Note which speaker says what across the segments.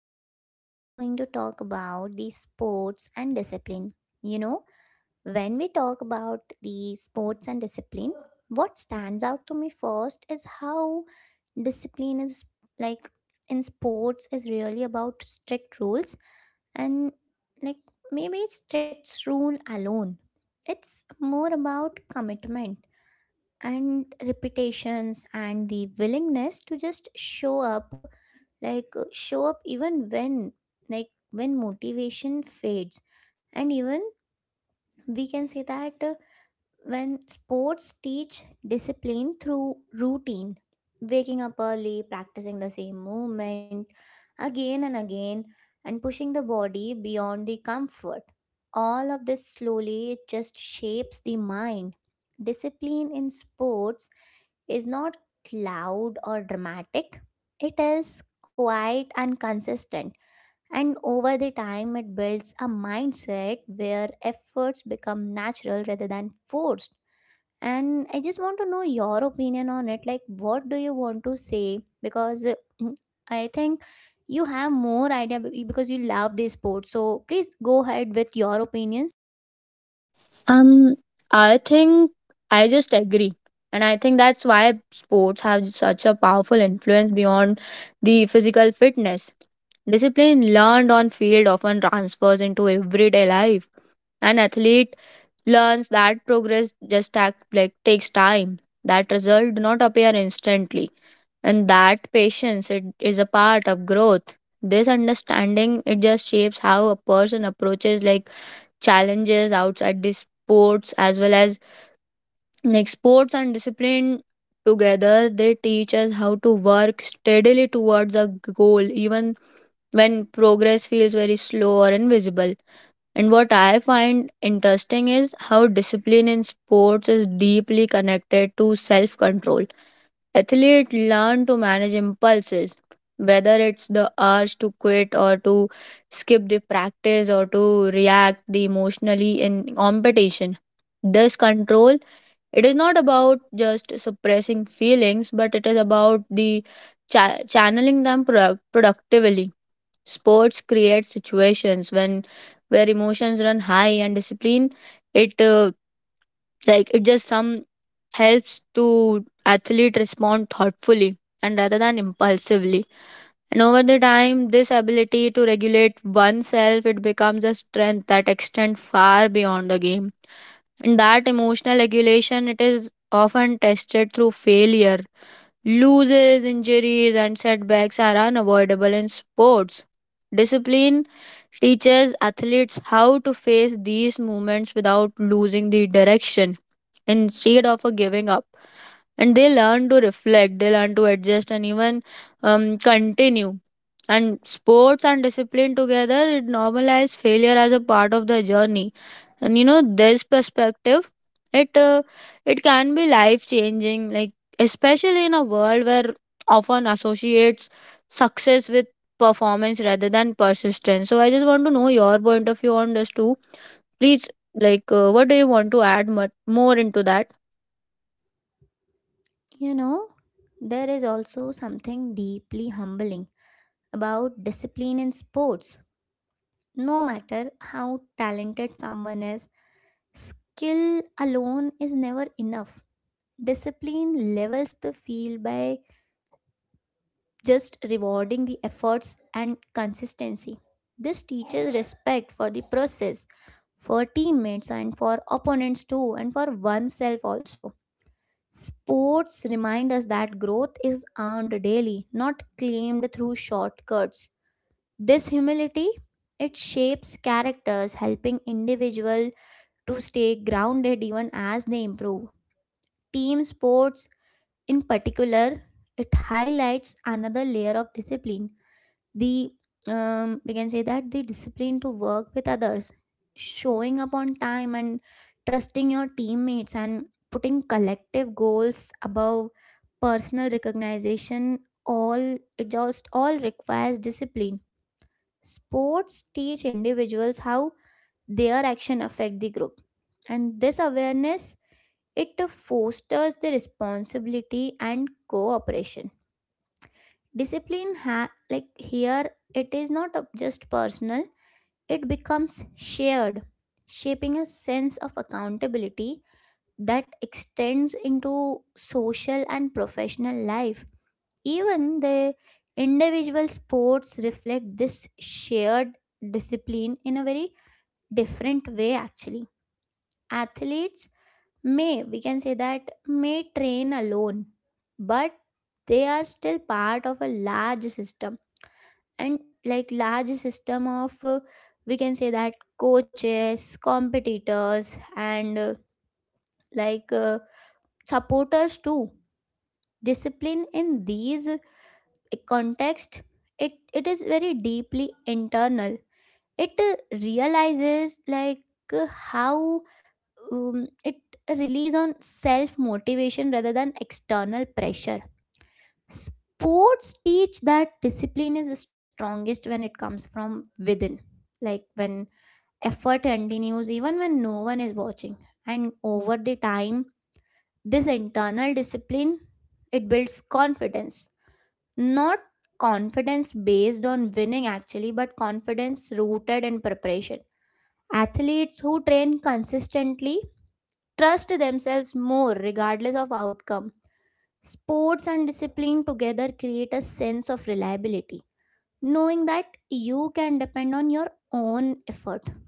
Speaker 1: So today we are going to talk about the sports and discipline. You know, when we talk about the sports and discipline, what stands out to me first is how discipline is, like, in sports is really about strict rules and, like, maybe it's strict rule alone. It's more about commitment and repetitions and the willingness to just show up, show up even when, like, when motivation fades. And even we can say that, when sports teach discipline through routine, waking up early, practicing the same movement again and again, and pushing the body beyond the comfort. All of this slowly just shapes the mind. Discipline in sports is not loud or dramatic, it is quiet and consistent. And over the time, it builds a mindset where efforts become natural rather than forced. And I just want to know your opinion on it, like, what do you want to say, because I think you have more idea because you love this sport, so please go ahead with your opinions.
Speaker 2: Um, I think I just agree. And I think that's why sports have such a powerful influence beyond the physical fitness. Discipline learned on field often transfers into everyday life. An athlete learns that progress just act, like takes time. That result do not appear instantly. And that patience it is a part of growth. This understanding it just shapes how a person approaches like challenges outside the sports as well as like sports and discipline together, they teach us how to work steadily towards a goal, even when progress feels very slow or invisible. And what I find interesting is how discipline in sports is deeply connected to self control. Athletes learn to manage impulses, whether it's the urge to quit or to skip the practice or to react the emotionally in competition. This control it is not about just suppressing feelings, but it is about the channeling them productively. Sports create situations when where emotions run high and discipline. It like it just some helps to athlete respond thoughtfully and rather than impulsively. And over the time, this ability to regulate oneself it becomes a strength that extends far beyond the game. In that emotional regulation, it is often tested through failure. Losses, injuries, and setbacks are unavoidable in sports. Discipline teaches athletes how to face these moments without losing the direction instead of a giving up. And they learn to reflect, they learn to adjust, and even continue. And sports and discipline together it normalize failure as a part of the journey, and you know this perspective it uh, it can be life changing, like especially in a world where often associates success with performance rather than persistence. So I just want to know your point of view on this too, please. Like what do you want to add more into that.
Speaker 1: You know, there is also something deeply humbling about discipline in sports. No matter how talented someone is, skill alone is never enough. Discipline levels the field by just rewarding the efforts and consistency. This teaches respect for the process, for teammates, and for opponents too, and for oneself also. Sports remind us that growth is earned daily, not claimed through shortcuts. This humility, it shapes characters, helping individual to stay grounded even as they improve. Team sports, in particular, it highlights another layer of discipline, the, we can say that, the discipline to work with others, showing up on time, and trusting your teammates, and putting collective goals above personal recognition, all it just all requires discipline. Sports teach individuals how their action affect the group, and this awareness, it fosters the responsibility and cooperation. Like, here it is not just personal, it becomes shared, shaping a sense of accountability that extends into social and professional life. Even the individual sports reflect this shared discipline in a very different way actually. Athletes may, we can say that, may train alone, but they are still part of a large system, and, like, large system of, we can say that, coaches, competitors, and, like uh, supporters too. Discipline in these, context, it is very deeply internal. It realizes, like, how, it relies on self motivation rather than external pressure. Sports teach that discipline is the strongest when it comes from within, like when effort continues even when no one is watching. And over the time, this internal discipline, it builds confidence, not confidence based on winning actually, but confidence rooted in preparation. Athletes who train consistently trust themselves more regardless of outcome. Sports and discipline together create a sense of reliability, knowing that you can depend on your own effort.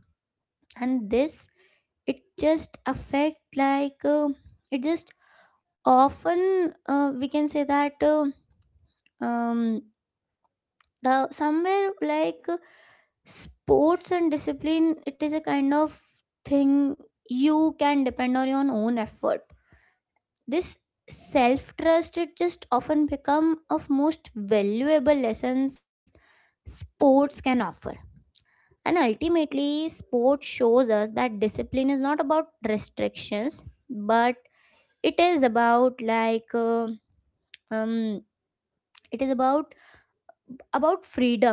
Speaker 1: And this, it just affect, like, it just often, we can say that, um, the somewhere, like, sports and discipline, it is a kind of thing, you can depend on your own effort. This self trust, it just often become of most valuable lessons sports can offer. And ultimately sport shows us that discipline is not about restrictions, but it is about, like, um it is about freedom,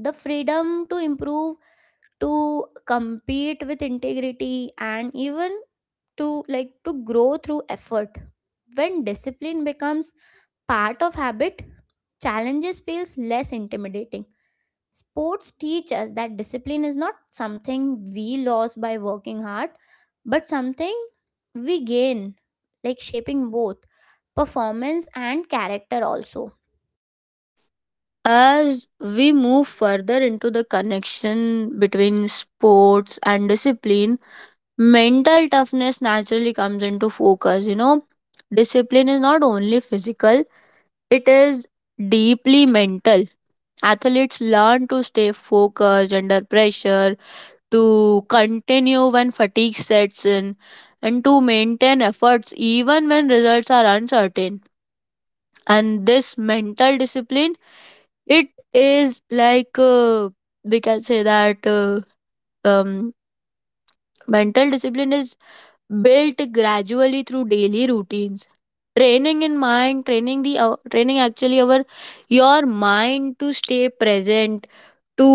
Speaker 1: the freedom to improve, to compete with integrity, and even to, like, to grow through effort. When discipline becomes part of habit, challenges feels less intimidating. Sports teach us that discipline is not something we lose by working hard, but something we gain, like, shaping both performance and character also.
Speaker 2: As we move further into the connection between sports and discipline, mental toughness naturally comes into focus, you know. Discipline is not only physical. It is deeply mental. Athletes learn to stay focused under pressure, to continue when fatigue sets in, and to maintain efforts even when results are uncertain. And this mental discipline, it is like we can say that um, mental discipline is built gradually through daily routines, training in mind, training the training actually our your mind to stay present, to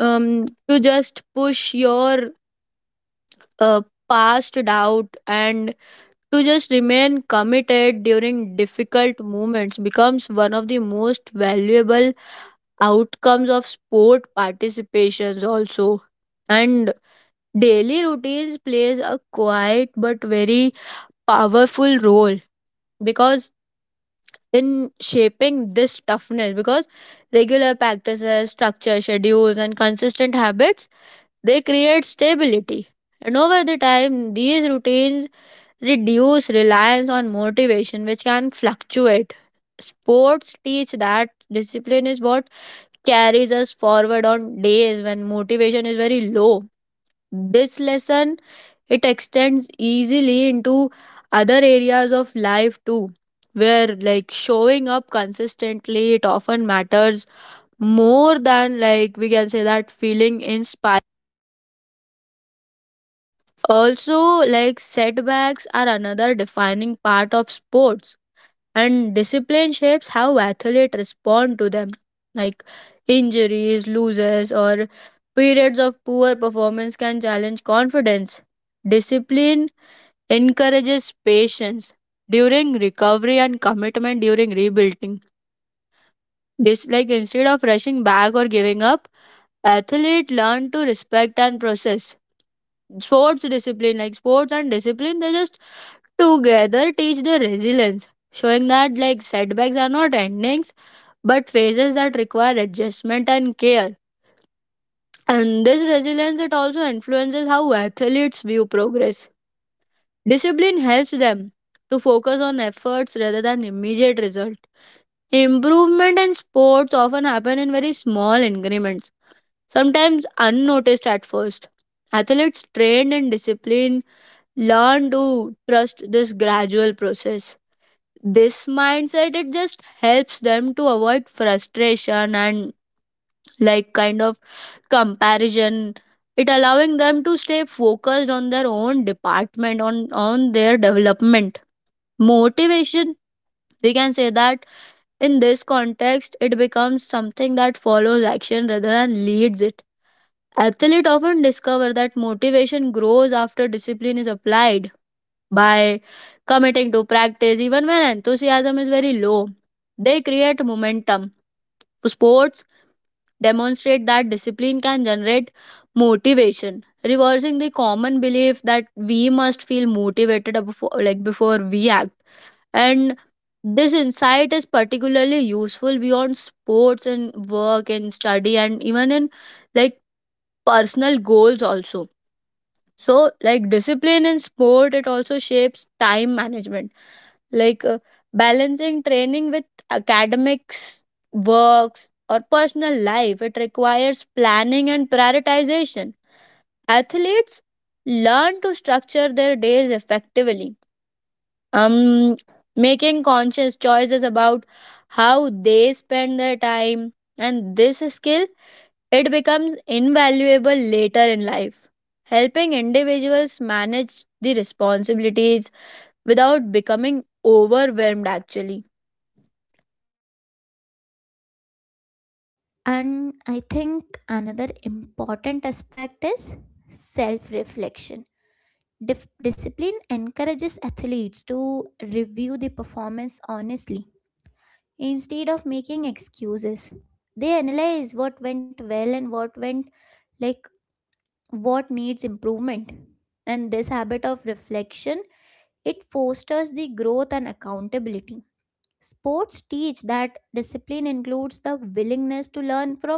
Speaker 2: to just push your uh, past doubt, and to just remain committed during difficult moments becomes one of the most valuable outcomes of sport participations also. And daily routines plays a quiet but very powerful role, because in shaping this toughness, because regular practices, structure schedules, and consistent habits, they create stability. And over the time these routines reduce reliance on motivation, which can fluctuate. Sports teach that discipline is what carries us forward on days when motivation is very low. This lesson it extends easily into other areas of life too, where like showing up consistently it often matters more than, like we can say that, feeling inspired. Also, like setbacks are another defining part of sports, and discipline shapes how athletes respond to them. Like injuries, losses, or periods of poor performance can challenge confidence. Discipline encourages patience during recovery and commitment during rebuilding. This, like, instead of rushing back or giving up, athlete learn to respect and process. Sports discipline, like sports and discipline, they just together teach the resilience, showing that like setbacks are not endings but phases that require adjustment and care. And this resilience it also influences how athletes view progress. Discipline helps them to focus on efforts rather than immediate result. Improvement in sports often happen in very small increments, sometimes unnoticed at first. Athletes trained in discipline learn to trust this gradual process. This mindset it just helps them to avoid frustration and like kind of comparison. It allowing them to stay focused on their own department, on their development. Motivation, we can say that, in this context it becomes something that follows action rather than leads it. Athletes often discover that motivation grows after discipline is applied. By committing to practice even when enthusiasm is very low, they create momentum. Sports demonstrate that discipline can generate motivation, reversing the common belief that we must feel motivated before, like before we act. And this insight is particularly useful beyond sports and work and study, and even in like personal goals also. So like discipline in sport it also shapes time management. Like balancing training with academics, works, or personal life it requires planning and prioritization. Athletes learn to structure their days effectively, um making conscious choices about how they spend their time. And this skill it becomes invaluable later in life, helping individuals manage the responsibilities without becoming overwhelmed actually.
Speaker 1: And I think another important aspect is self reflection. Discipline encourages athletes to review the performance honestly instead of making excuses. They analyze what went well and what went, like, what needs improvement. And this habit of reflection, it fosters the growth and accountability. Sports teach that discipline includes the willingness to learn from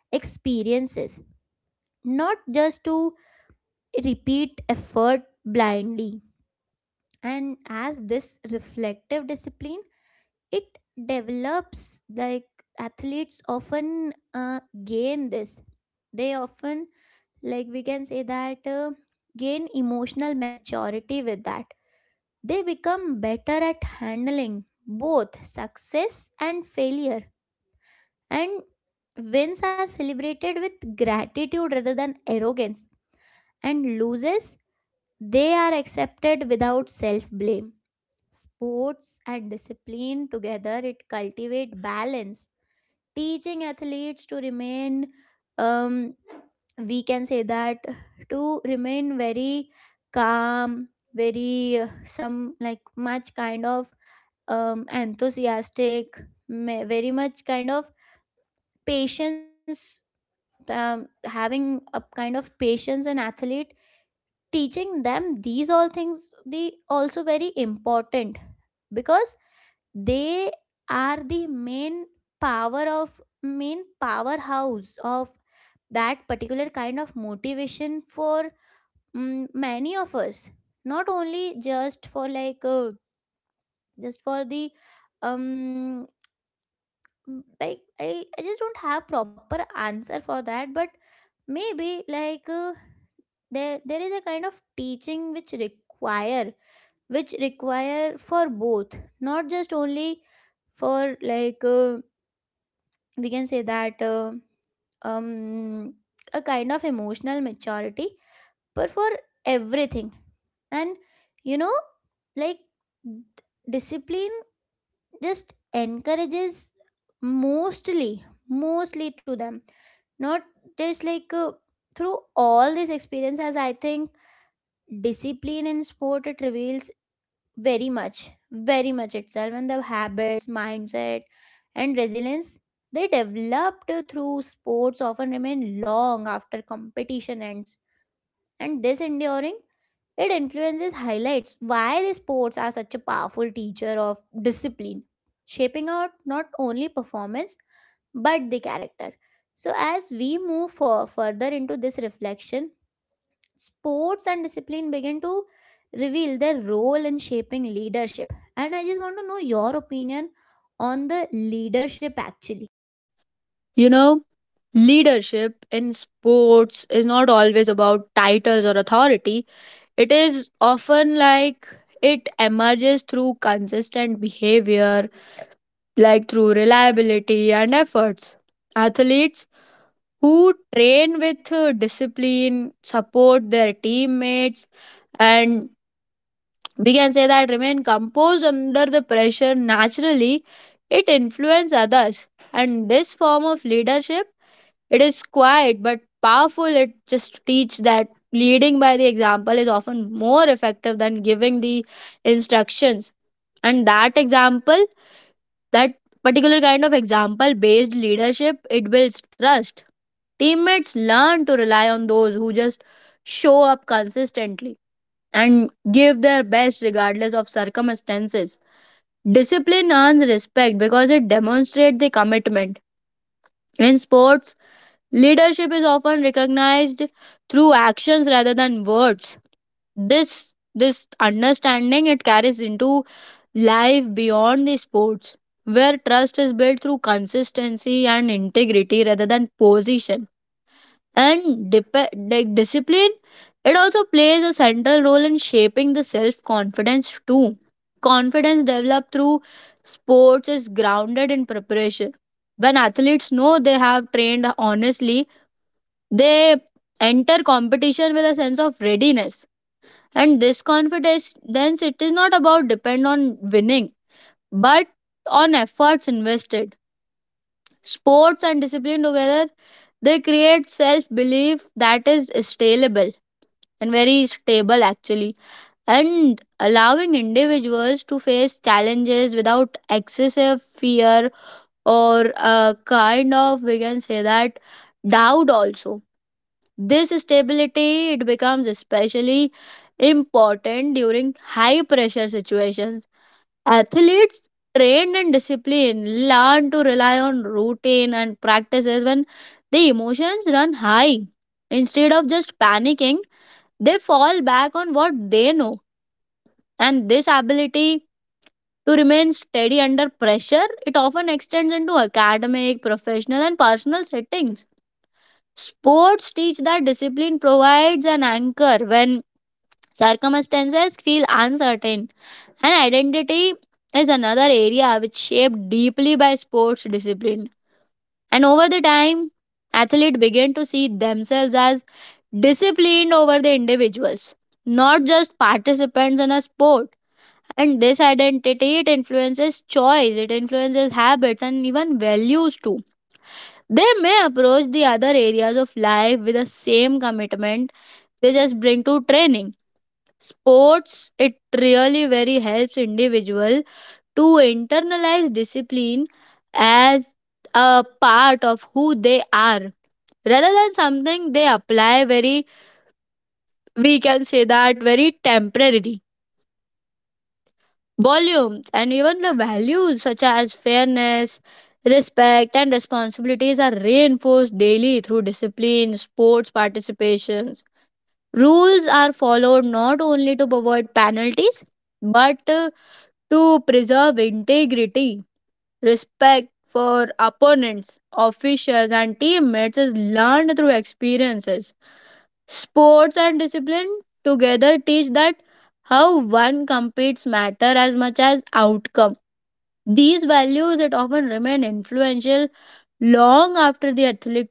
Speaker 1: experiences, not just to repeat effort blindly. And as this reflective discipline, it develops, like, athletes often gain this. They often, like we can say that, gain emotional maturity with that. They become better at handling both success and failure. And wins are celebrated with gratitude rather than arrogance, and loses, they are accepted without self blame. Sports and discipline together, it cultivate balance, teaching athletes to remain, um, we can say that, to remain very calm, very some, like, much kind of, enthusiastic, very much kind of patience, having a kind of patience and athlete, teaching them these all things, they also very important, because they are the main power of, main powerhouse of that particular kind of motivation for, many of us, not only just for, like, just for the, um like, I just don't have proper answer for that, but maybe, like, there is a kind of teaching which require, which require for both, not just only for, like, we can say that, um a kind of emotional maturity, but for everything. And, you know, like, d- discipline just encourages, mostly, mostly to them, not just, like, through all these experiences. I think discipline in sport, it reveals very much, very much itself, and the habits, mindset, and resilience they developed through sports often remain long after competition ends. And this enduring, it influences, highlights why the sports are such a powerful teacher of discipline, shaping out not only performance but the character. So as we move for, further into this reflection, sports and discipline begin to reveal their role in shaping leadership, and I just want to know your opinion on the leadership actually.
Speaker 2: You know, leadership in sports is not always about titles or authority. It is often like it emerges through consistent behavior, like through reliability and efforts. Athletes who train with discipline, support their teammates, and we can say that remain composed under the pressure naturally, it influences others. And this form of leadership, it is quiet but powerful. It just teach that leading by the example is often more effective than giving the instructions. And that example, that particular kind of example based leadership it builds trust. Teammates learn to rely on those who just show up consistently and give their best regardless of circumstances. Discipline earns respect because it demonstrates the commitment. In sports leadership is often recognized through actions rather than words. This this understanding it carries into life beyond the sports, where trust is built through consistency and integrity rather than position. And like discipline, it also plays a central role in shaping the self confidence too. Confidence developed through sports is grounded in preparation. When athletes know they have trained honestly, they enter competition with a sense of readiness. And this confidence, then it is not about depend on winning but on efforts invested. Sports and discipline together, they create self belief that is scalable and very stable actually, and allowing individuals to face challenges without excessive fear or a kind of, we can say that, doubt also. This stability it becomes especially important during high pressure situations. Athletes trained in discipline learn to rely on routine and practices when the emotions run high. Instead of just panicking, they fall back on what they know. And this ability to remain steady under pressure, it often extends into academic, professional, and personal settings. Sports teach that discipline provides an anchor when circumstances feel uncertain. And identity is another area which shaped deeply by sports discipline. And over the time, athletes began to see themselves as disciplined over the individuals, not just participants in a sport. And this identity it influences choice, it influences habits, and even values too. They may approach the other areas of life with the same commitment they just bring to training. Sports it really very helps individual to internalize discipline as a part of who they are, rather than something they apply very, we can say that, very temporary volumes. And even the values such as fairness, respect, and responsibilities are reinforced daily through discipline sports participations. Rules are followed not only to avoid penalties, but to preserve integrity. Respect for opponents, officials, and teammates is learned through experiences. Sports and discipline together teach that how one competes matter as much as outcome. These values it often remain influential long after the athletic,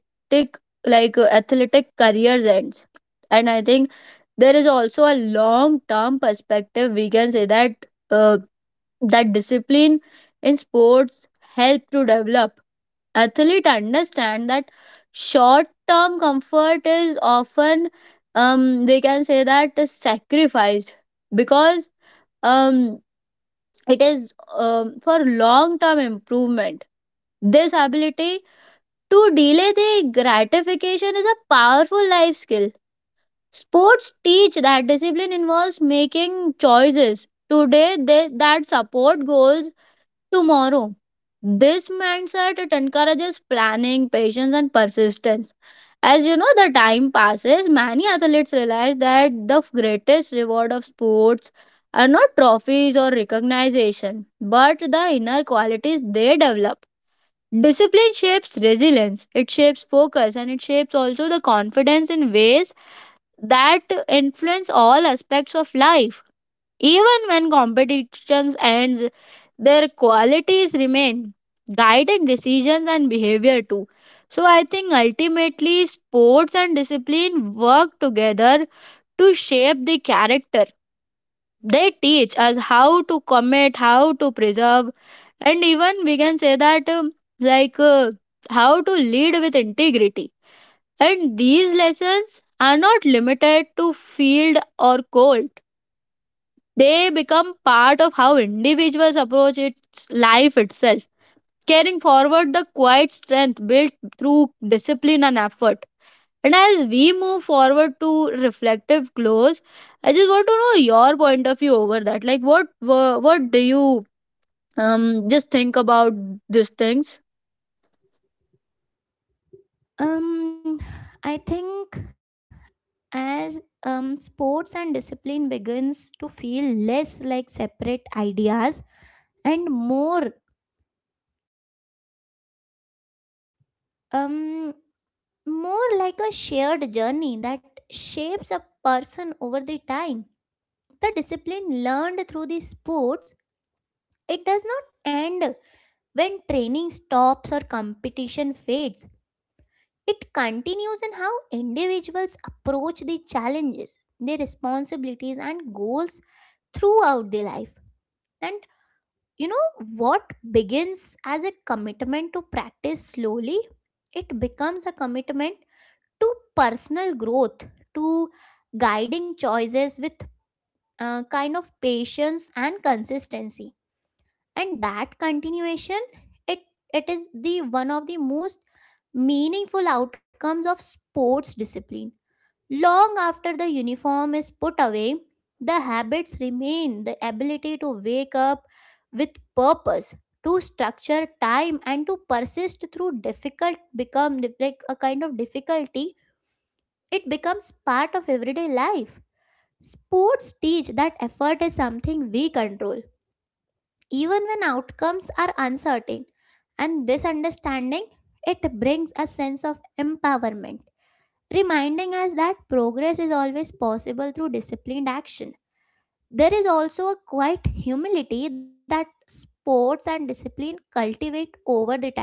Speaker 2: athletic careers ends. And I think there is also a long term perspective. We can say that that discipline in sports help to develop athlete understand that short term comfort is often they can say that is sacrificed, because um it is for long term improvement. This ability to delay the gratification is a powerful life skill. Sports teach that discipline involves making choices today they, that support goals tomorrow. This mindset it encourages planning, patience, and persistence. As you know, the time passes, many athletes realize that the greatest reward of sports are not trophies or recognition, but the inner qualities they develop. Discipline shapes resilience, it shapes focus, and it shapes also the confidence in ways that influence all aspects of life. Even when competitions ends, their qualities remain, guiding decisions and behavior too. So I think ultimately sports and discipline work together to shape the character. They teach us how to commit, how to preserve, and even we can say that like uh, how to lead with integrity. And these lessons are not limited to field or court. They become part of how individuals approach its life itself, carrying forward the quiet strength built through discipline and effort. And as we move forward to reflective close, I just want to know your point of view over that. Like, what do you just think about these things?
Speaker 1: um I think as, sports and discipline begins to feel less like separate ideas and more, um more like a shared journey that shapes a person over the time. The discipline learned through the sports, it does not end. When training stops or competition fades, it continues in how individuals approach the challenges, their responsibilities, and goals throughout their life. And, you know, what begins as a commitment to practice slowly, it becomes a commitment to personal growth, to guiding choices with, kind of patience and consistency. And that continuation, it it is the one of the most meaningful outcomes of sports discipline. Long after the uniform is put away, the habits remain, the ability to wake up with purpose, to structure time, and to persist through difficult, become like a kind of difficulty, it becomes part of everyday life. Sports teach that effort is something we control even when outcomes are uncertain. And this understanding, it brings a sense of empowerment, reminding us that progress is always possible through disciplined action. There is also a quiet humility that sports and discipline cultivate over the time.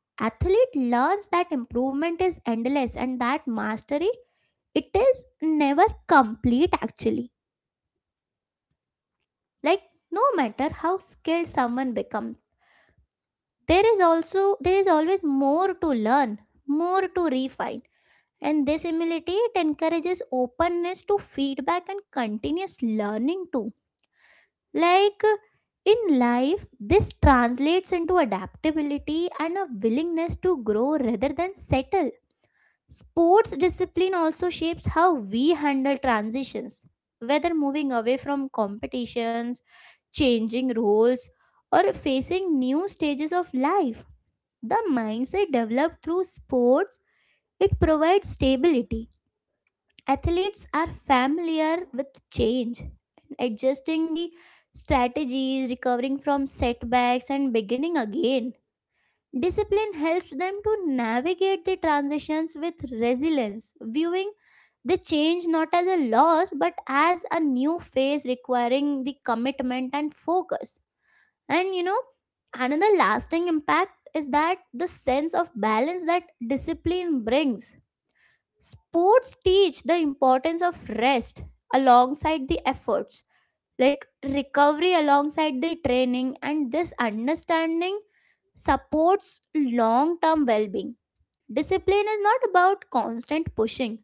Speaker 1: Athlete learns that improvement is endless, and that mastery, it is never complete actually. Like, no matter how skilled someone becomes, there is also, there is always more to learn, more to refine. And this humility, it encourages openness to feedback and continuous learning too. Like, in life this translates into adaptability and a willingness to grow rather than settle. Sports discipline also shapes how we handle transitions, whether moving away from competitions, changing roles, or facing new stages of life. The mindset developed through sports, it provides stability. Athletes are familiar with change, adjusting the strategies, recovering from setbacks, and beginning again. Discipline helps them to navigate the transitions with resilience, viewing the change not as a loss but as a new phase requiring the commitment and focus. And, you know, another lasting impact is that the sense of balance that discipline brings. Sports teach the importance of rest alongside the efforts, like recovery alongside the training, and this understanding supports long term well being. Discipline is not about constant pushing,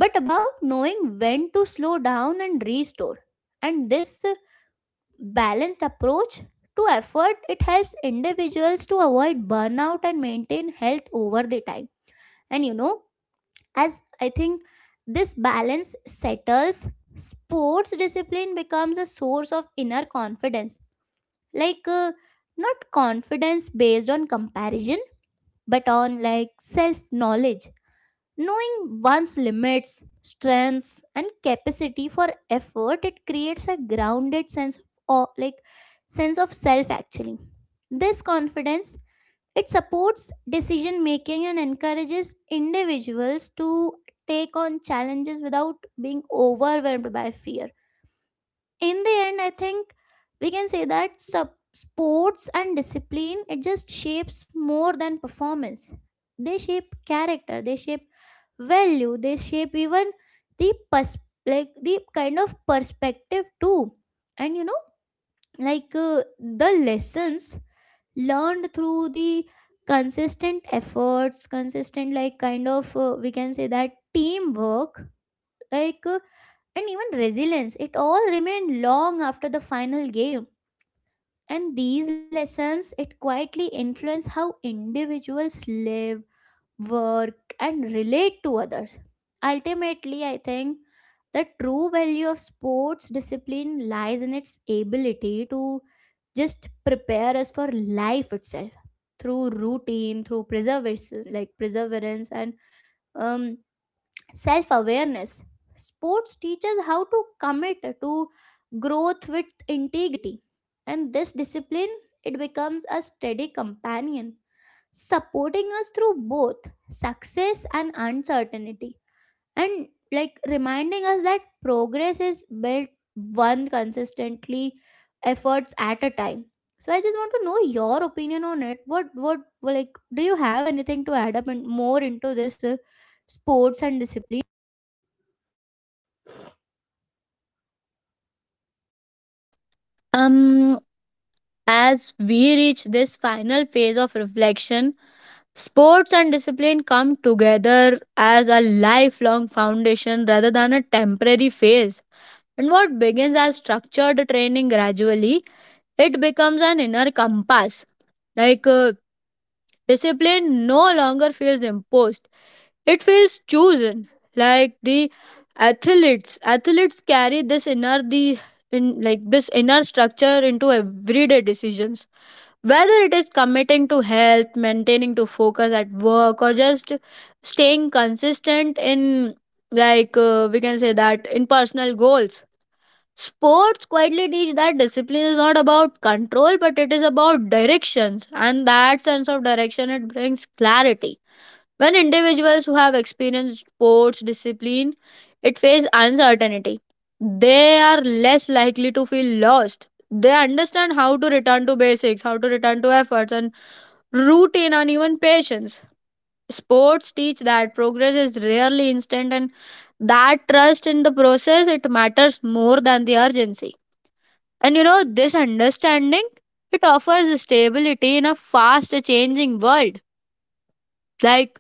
Speaker 1: but about knowing when to slow down and restore. And this balanced approach to effort, it helps individuals to avoid burnout and maintain health over the time. And, you know, as I think this balance settles, sports discipline becomes a source of inner confidence, like, not confidence based on comparison but on, like, self knowledge. Knowing one's limits, strengths, and capacity for effort, it creates a grounded sense of like sense of self actually. This confidence it supports decision making and encourages individuals to take on challenges without being overwhelmed by fear. In the end, I think we can say that sports and discipline it just shapes more than performance. They shape character, they shape value, they shape even the pers- like the kind of perspective too. And you know, the lessons learned through the consistent efforts, consistent like kind of we can say that teamwork, like uh, and even resilience, it all remained long after the final game. And these lessons it quietly influence how individuals live, work and relate to others. Ultimately, I think the true value of sports discipline lies in its ability to just prepare us for life itself, through routine, through preservation, like perseverance and um self awareness. Sports teaches how to commit to growth with integrity, and this discipline it becomes a steady companion, supporting us through both success and uncertainty, and like reminding us that progress is built one consistently efforts at a time. So I just want to know your opinion on it. What like, do you have anything to add up and more into this sports and discipline?
Speaker 2: Um, as we reach this final phase of reflection, sports and discipline come together as a lifelong foundation rather than a temporary phase. And what begins as structured training gradually, it becomes an inner compass. Like uh, Discipline no longer feels imposed, it feels chosen. Like the Athletes carry this inner, the in like this inner structure into everyday decisions, whether it is committing to health, maintaining to focus at work, or just staying consistent in, we can say that in personal goals. Sports quietly teach that discipline is not about control, but it is about directions, and that sense of direction it brings clarity. When individuals who have experienced sports discipline, it face uncertainty. They are less likely to feel lost. They understand how to return to basics, how to return to efforts and routine and even patience. Sports teach that progress is rarely instant and that trust in the process it matters more than the urgency. And you know this understanding it offers stability in a fast changing world. Like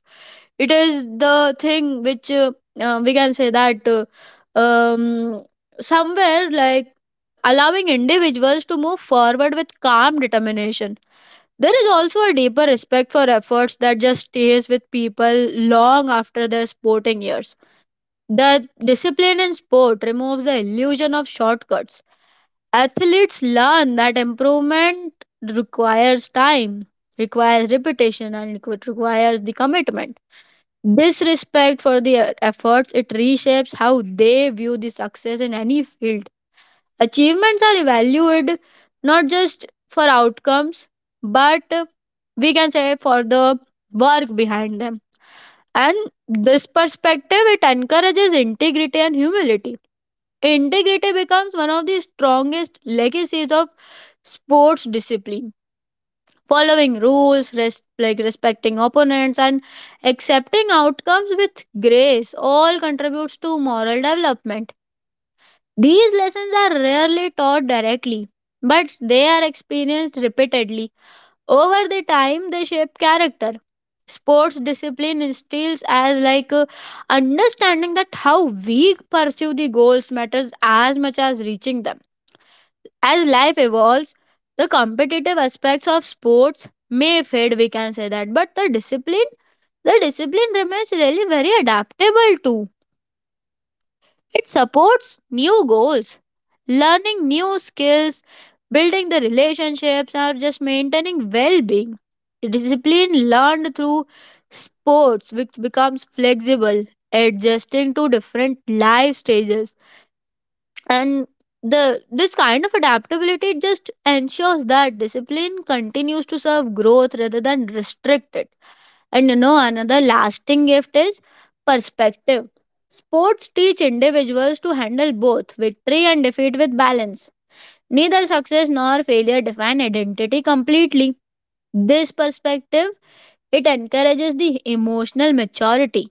Speaker 2: it is the thing which we can say that um, somewhere like Allowing individuals to move forward with calm determination, there is also a deeper respect for efforts that just stays with people long after their sporting years. The discipline in sport removes the illusion of shortcuts. Athletes learn that improvement requires time, requires repetition, and it requires the commitment. This respect for their efforts it reshapes how they view the success in any field. Achievements are evaluated not just for outcomes, but we can say for the work behind them. And this perspective it encourages integrity and humility. Integrity becomes one of the strongest legacies of sports discipline: following rules, like respecting opponents, and accepting outcomes with grace all contributes to moral development. These lessons are rarely taught directly, but they are experienced repeatedly. Over the time, they shape character. Sports discipline instills as like understanding that how we pursue the goals matters as much as reaching them. As life evolves, the competitive aspects of sports may fade, we can say that, but the discipline remains really very adaptable too. It supports new goals, learning new skills, building the relationships, or just maintaining well being. The discipline learned through sports, which becomes flexible, adjusting to different life stages, and the this kind of adaptability just ensures that discipline continues to serve growth rather than restrict it. And you know another lasting gift is perspective. Sports teach individuals to handle both victory and defeat with balance. Neither success nor failure define identity completely. This perspective it encourages the emotional maturity,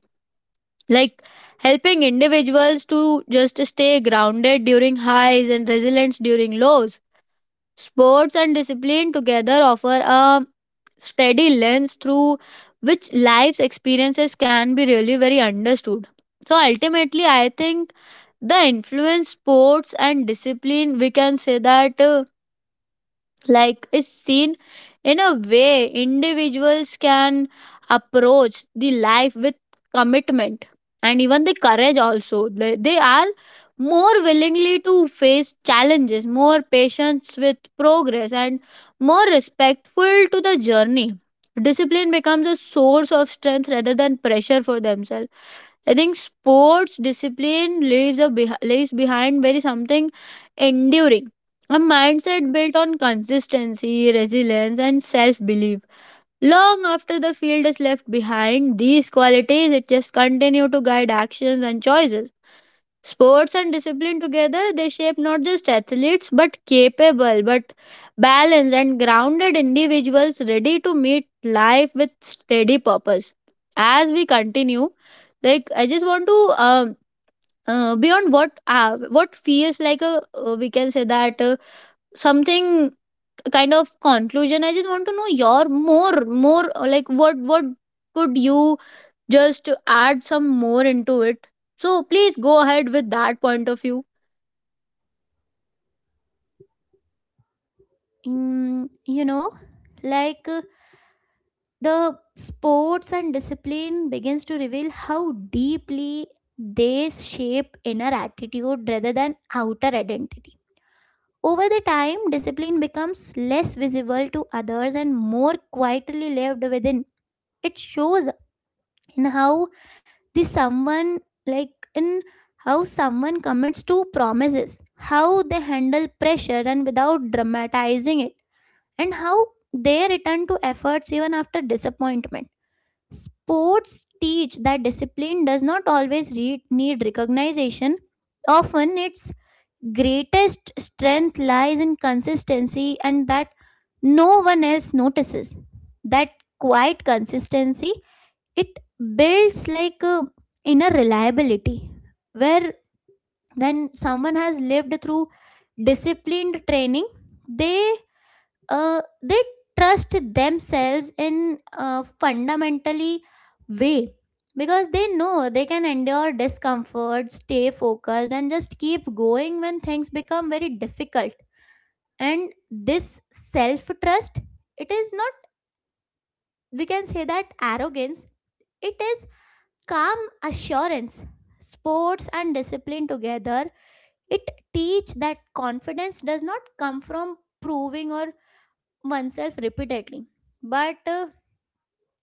Speaker 2: like helping individuals to just stay grounded during highs and resilience during lows. Sports and discipline together offer a steady lens through which life's experiences can be really very understood. So ultimately, I think the influence sports and discipline, we can say that, like is seen in a way individuals can approach the life with commitment, and even the courage also, they are more willingly to face challenges, more patience with progress, and more respectful to the journey. Discipline becomes a source of strength rather than pressure for themselves. I think sports discipline leaves behind very something enduring. A mindset built on consistency, resilience, and self-belief. Long after the field is left behind, these qualities it just continue to guide actions and choices. Sports and discipline together, they shape not just athletes but capable, but balanced and grounded individuals ready to meet life with steady purpose. As we continue, like I just want to um beyond what feels like a we can say that something kind of conclusion. I just want to know your more, like what could you just add some more into it. So please go ahead with that point of view.
Speaker 1: Mm, you know, like uh, the sports and discipline begins to reveal how deeply they shape inner attitude rather than outer identity. Over the time, discipline becomes less visible to others and more quietly lived within. It shows in how the someone like in how someone commits to promises, how they handle pressure and without dramatizing it, and how they return to efforts even after disappointment. Sports teach that discipline does not always need recognition. Often, its greatest strength lies in consistency and that no one else notices. That quiet consistency, it builds like a inner reliability, where when someone has lived through disciplined training, they they trust themselves in a fundamentally way, because they know they can endure discomfort, stay focused, and just keep going when things become very difficult. And this self trust, it is not, we can say that, arrogance. It is calm assurance. Sports and discipline together, it teach that confidence does not come from proving or oneself repeatedly, but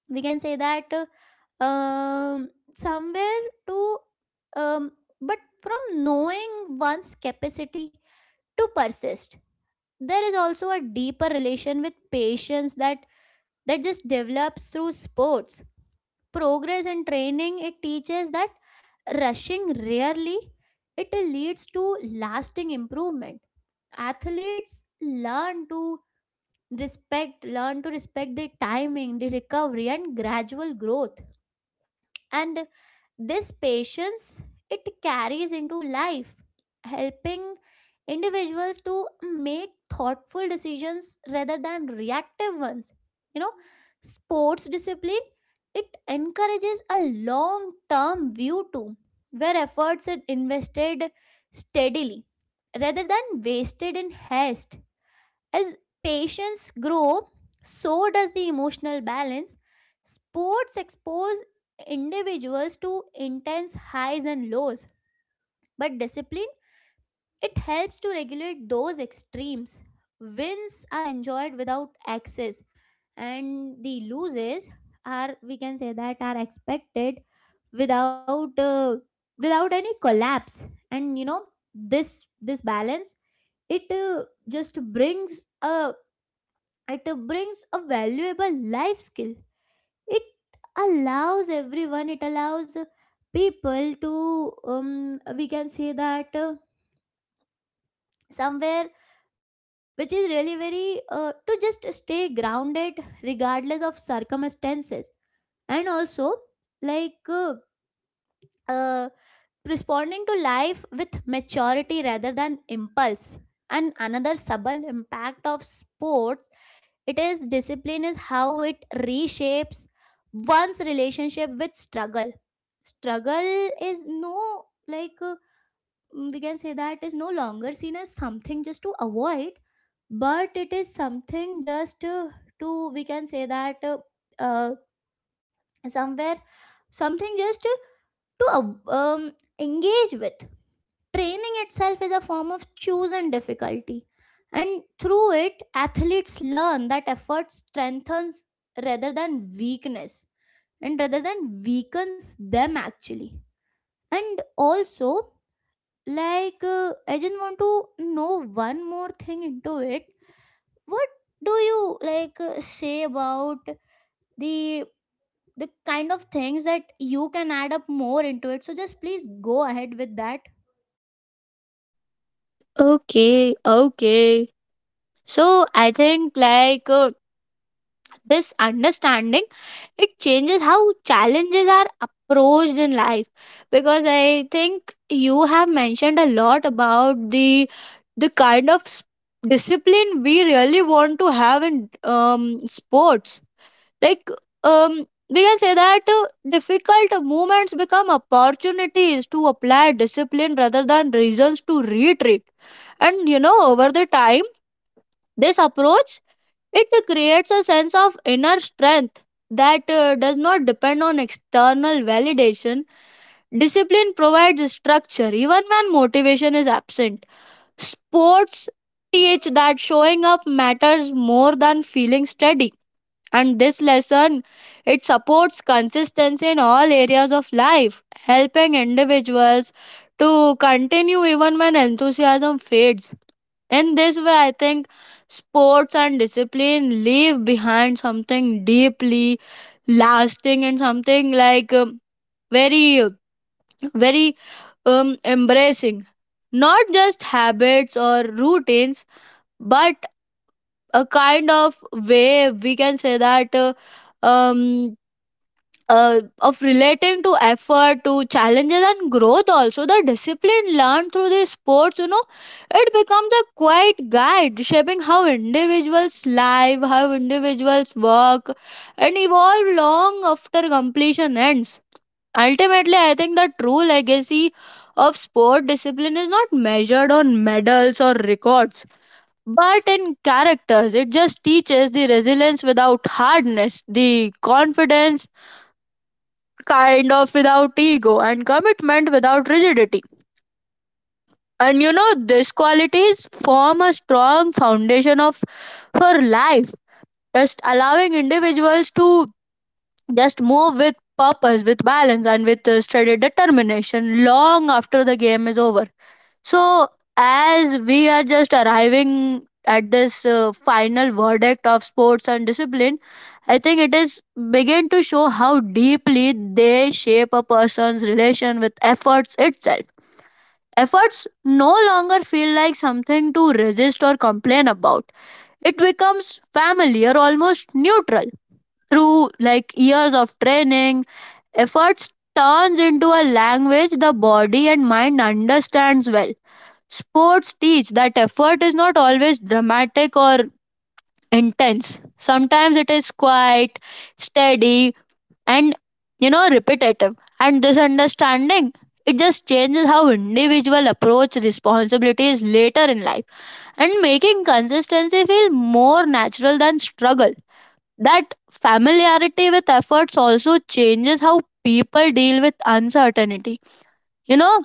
Speaker 1: we can say that somewhere to um, but from knowing one's capacity to persist. There is also a deeper relation with patience that just develops through sports. Progress and training it teaches that rushing rarely it leads to lasting improvement. Athletes learn to respect the timing, the recovery and gradual growth. And this patience it carries into life, helping individuals to make thoughtful decisions rather than reactive ones. You know, sports discipline it encourages a long term view too, where efforts are invested steadily rather than wasted in haste. As patients grow, so does the emotional balance. Sports expose individuals to intense highs and lows, but discipline it helps to regulate those extremes. Wins are enjoyed without excess, and the loses are, we can say that, are expected without uh, without any collapse. And you know, this balance it just brings a, it brings a valuable life skill. It allows everyone it allows people to we can say that somewhere which is really very to just stay grounded regardless of circumstances. And also, like uh, uh, responding to life with maturity rather than impulse. And another subtle impact of sports, it is discipline, is how it reshapes one's relationship with struggle. Struggle is no we can say that is no longer seen as something just to avoid, but it is something just to, we can say that, uh, somewhere, something just to uh, um, engage with. Training itself is a form of chosen difficulty, and through it, athletes learn that effort strengthens rather than weakness, and rather than weakens them actually. And also, I just want to know one more thing into it. What do you say about the kind of things that you can add up more into it? So just please go ahead with that.
Speaker 2: Okay, okay. So I think this understanding it changes how challenges are approached in life, because I think you have mentioned a lot about the the kind of s- discipline we really want to have in sports, like we can say that difficult moments become opportunities to apply discipline rather than reasons to retreat. And you know over the time this approach it creates a sense of inner strength that does not depend on external validation. Discipline provides structure even when motivation is absent. Sports teach that showing up matters more than feeling steady, and this lesson it supports consistency in all areas of life, helping individuals to continue even when enthusiasm fades. In this way I think sports and discipline leave behind something deeply lasting and something like very very embracing not just habits or routines, but a kind of way, we can say that um of relating to effort, to challenges, and growth. Also the discipline learned through these sports, you know, it becomes a quiet guide shaping how individuals live, how individuals work, and evolve long after completion ends. Ultimately I think the true legacy of sport discipline is not measured on medals or records, but in characters. It just teaches the resilience without hardness, the confidence kind of without ego, and commitment without rigidity. And you know, these qualities form a strong foundation of for life, just allowing individuals to just move with purpose, with balance, and with steady determination long after the game is over. So, as we are just arriving at this final verdict of sports and discipline, I think it is begin to show how deeply they shape a person's relation with efforts itself. Efforts no longer feel like something to resist or complain about. It becomes familiar, almost neutral. Through like years of training, efforts turns into a language the body and mind understands well. Sports teach that effort is not always dramatic or intense. Sometimes it is quiet, steady, and you know repetitive. And this understanding it just changes how individual approach responsibilities later in life, and making consistency feel more natural than struggle. That familiarity with efforts also changes how people deal with uncertainty. You know,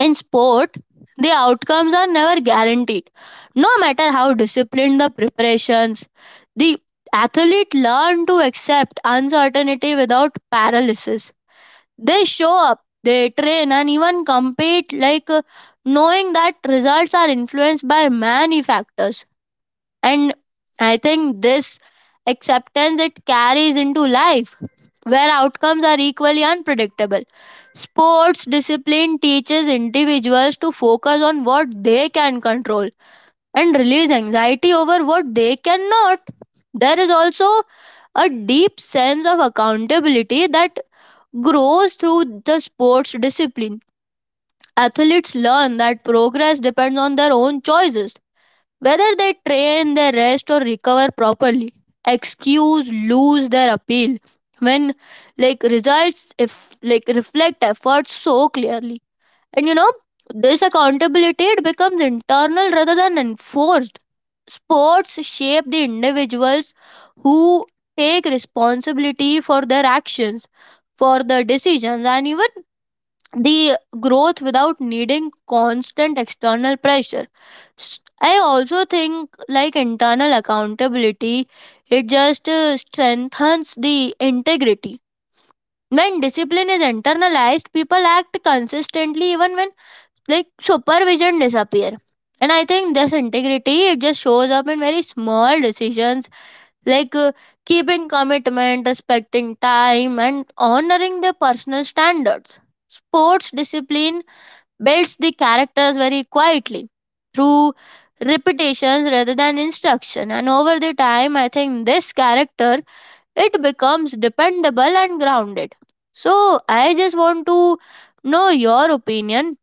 Speaker 2: in sport, the outcomes are never guaranteed. No matter how disciplined the preparations, the athlete learn to accept uncertainty without paralysis. They show up, they train, and even compete knowing that results are influenced by many factors. And I think this acceptance it carries into life where outcomes are equally unpredictable. Sports discipline teaches individuals to focus on what they can control and release anxiety over what they cannot. There is also a deep sense of accountability that grows through the sports discipline. Athletes learn that progress depends on their own choices, whether they train, they rest, or recover properly. Excuse lose their appeal when like results if like reflect efforts so clearly. And you know, this accountability it becomes internal rather than enforced. Sports shape the individuals who take responsibility for their actions, for their decisions, and even the growth without needing constant external pressure. I also think like internal accountability it just strengthens the integrity. When discipline is internalized, people act consistently even when like supervision disappear. And I think this integrity it just shows up in very small decisions, like uh, keeping commitment, respecting time, and honoring their personal standards. Sports discipline builds the characters very quietly through repetitions rather than instruction, and over the time I think this character it becomes dependable and grounded. So I just want to know your opinion,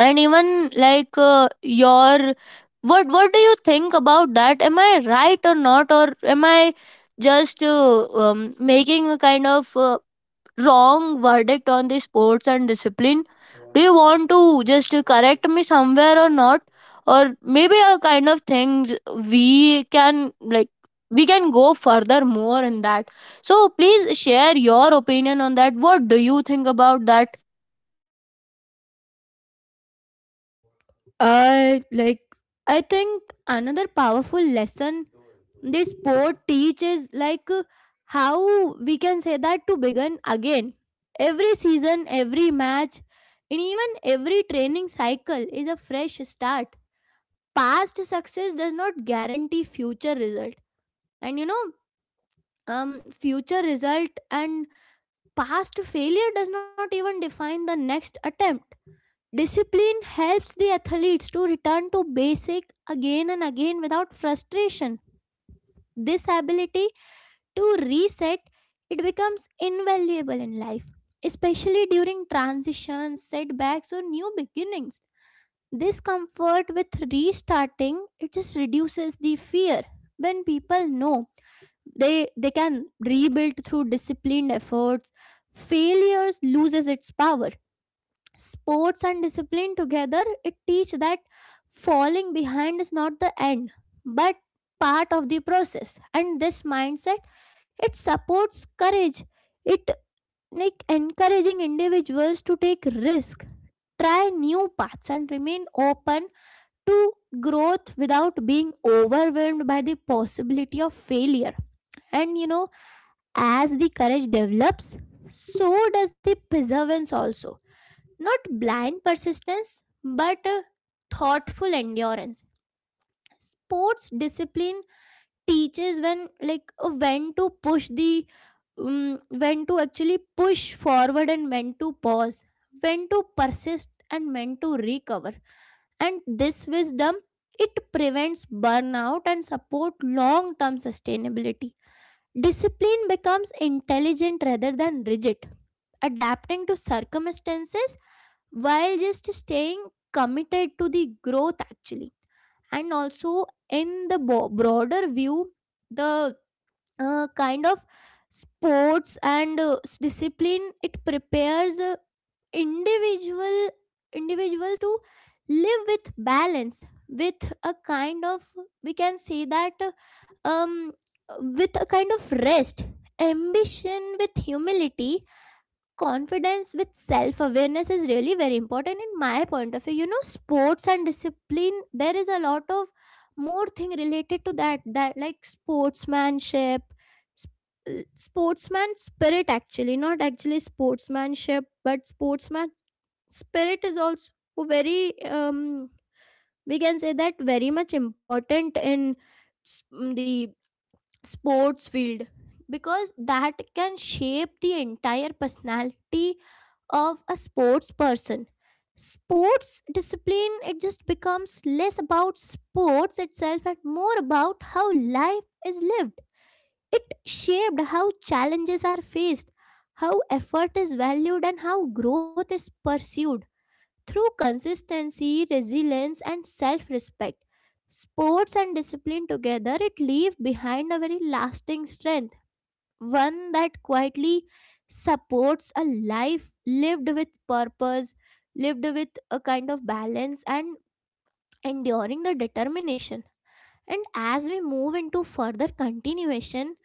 Speaker 2: and even your what do you think about that, am I right or not, or am I just making a kind of wrong verdict on the sports and discipline? Do you want to just correct me somewhere or not? Or maybe a kind of things we can we can go further more in that. So please share your opinion on that. What do you think about that?
Speaker 1: Uh, like I think another powerful lesson this sport teaches, how we can say that, to begin again. Every season, every match, and even every training cycle is a fresh start. Past success does not guarantee future result, and you know, future result and past failure does not even define the next attempt. Discipline helps the athletes to return to basic again and again without frustration. This ability to reset, it becomes invaluable in life, especially during transitions, setbacks or new beginnings. This comfort with restarting it just reduces the fear. When people know they can rebuild through disciplined efforts, failures loses its power. Sports and discipline together, it teach that falling behind is not the end, but part of the process. And this mindset, it supports courage. It like encouraging individuals to take risk, try new paths and remain open to growth without being overwhelmed by the possibility of failure. And you know, as the courage develops, so does the perseverance also, not blind persistence, but thoughtful endurance. Sports discipline teaches when to push the when to actually push forward and when to pause, when to persist and when to recover. And this wisdom it prevents burnout and support long term sustainability. Discipline becomes intelligent rather than rigid, adapting to circumstances while just staying committed to the growth actually. And also, in the broader view, the kind of sports and discipline, it prepares individual individuals to live with balance, with a kind of, we can say that, uh, um with a kind of rest, ambition with humility, confidence with self awareness is really very important in my point of view. You know, sports and discipline, there is a lot of more thing related to that, that like sportsmanship, sportsman spirit, actually not actually sportsmanship but sportsman spirit is also very um we can say that very much important in s- the sports field, because that can shape the entire personality of a sports person. Sports discipline it just becomes less about sports itself and more about how life is lived. It shaped how challenges are faced, how effort is valued and how growth is pursued. Through consistency, resilience and self-respect, sports and discipline together, it leave behind a very lasting strength, one that quietly supports a life lived with purpose, lived with a kind of balance, and enduring the determination. And as we move into further continuation,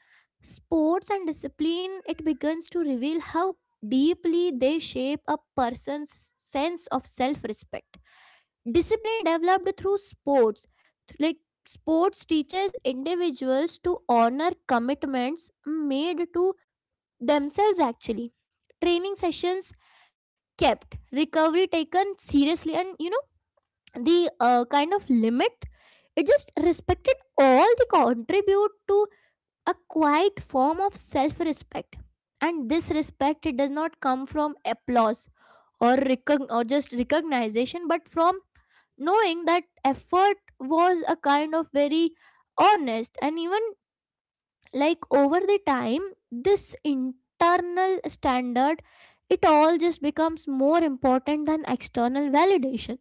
Speaker 1: sports and discipline, it begins to reveal how deeply they shape a person's sense of self respect. Discipline developed through sports, th- like sports teaches individuals to honor commitments made to themselves actually. Training sessions kept, recovery taken seriously, and you know, the kind of limit it just respected, all the contribute to a quiet form of self respect. And this respect it does not come from applause or recogn- or just recognition, but from knowing that effort was a kind of very honest and even, like, over the time, this internal standard it all just becomes more important than external validation,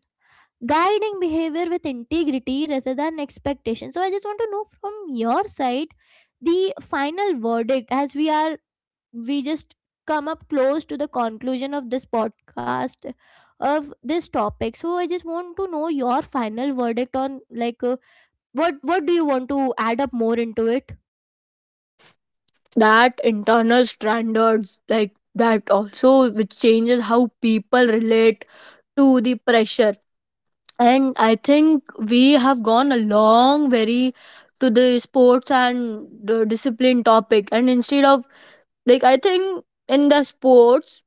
Speaker 1: guiding behavior with integrity rather than expectation. So I just want to know from your side the final verdict, as we are, we just come up close to the conclusion of this podcast, of this topic. So I just want to know your final verdict on what do you want to add up more into it.
Speaker 2: That internal standards like that also which changes how people relate to the pressure. And I think we have gone a long very to the sports and the discipline topic, and instead of like I think in the sports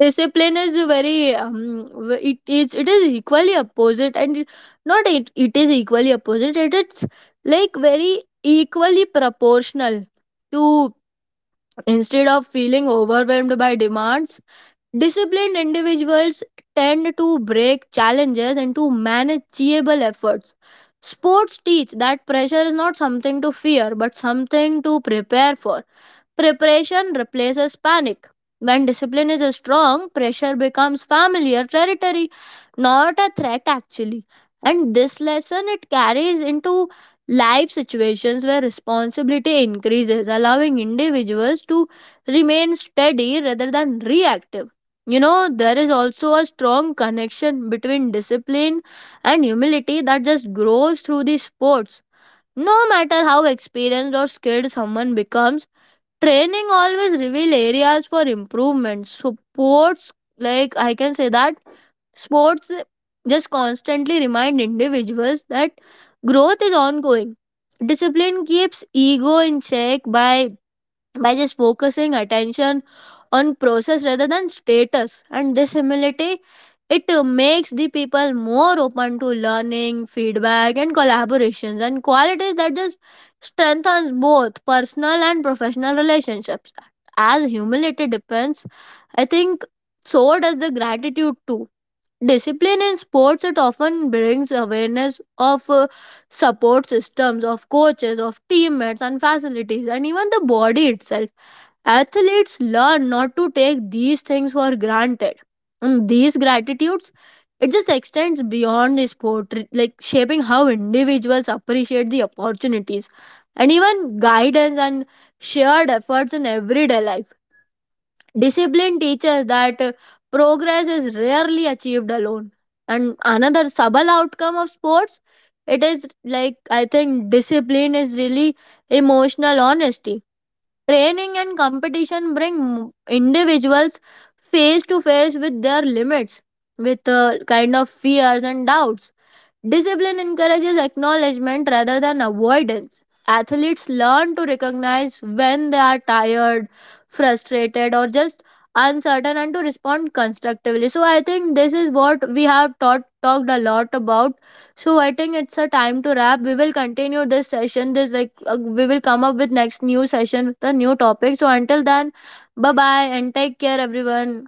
Speaker 2: discipline is a very it is equally opposite, and it- not it, it is equally opposite it's like very equally proportional to instead of feeling overwhelmed by demands. Disciplined individuals tend to break challenges into manageable efforts. Sports teach that pressure is not something to fear but something to prepare for. Preparation replaces panic. When discipline is strong, pressure becomes familiar territory, not a threat actually. And this lesson it carries into life situations where responsibility increases, allowing individuals to remain steady rather than reactive. You know, there is also a strong connection between discipline and humility that just grows through the sports. No matter how experienced or skilled someone becomes, training always reveal areas for improvement. So sports, like I can say that sports just constantly remind individuals that growth is ongoing. Discipline keeps ego in check by just focusing attention on process rather than status, and this humility it makes the people more open to learning, feedback, and collaborations, and qualities that just strengthens both personal and professional relationships. As humility depends, I think, so does the gratitude too. Discipline in sports it often brings awareness of support systems, of coaches, of teammates and facilities, and even the body itself. Athletes learn not to take these things for granted. And these gratitudes, it just extends beyond the sport, like shaping how individuals appreciate the opportunities and even guidance and shared efforts in everyday life. Discipline teaches that progress is rarely achieved alone. And another subtle outcome of sports, it is like I think discipline is really emotional honesty. Training and competition bring individuals face to face with their limits, with kind of fears and doubts. Discipline encourages acknowledgement rather than avoidance. Athletes learn to recognize when they are tired, frustrated, or just uncertain, and to respond constructively. So, I think this is what we have talked a lot about. So, I think it's a time to wrap. We will continue this session. This, we will come up with next new session with a new topic. So, until then, bye bye and take care, everyone.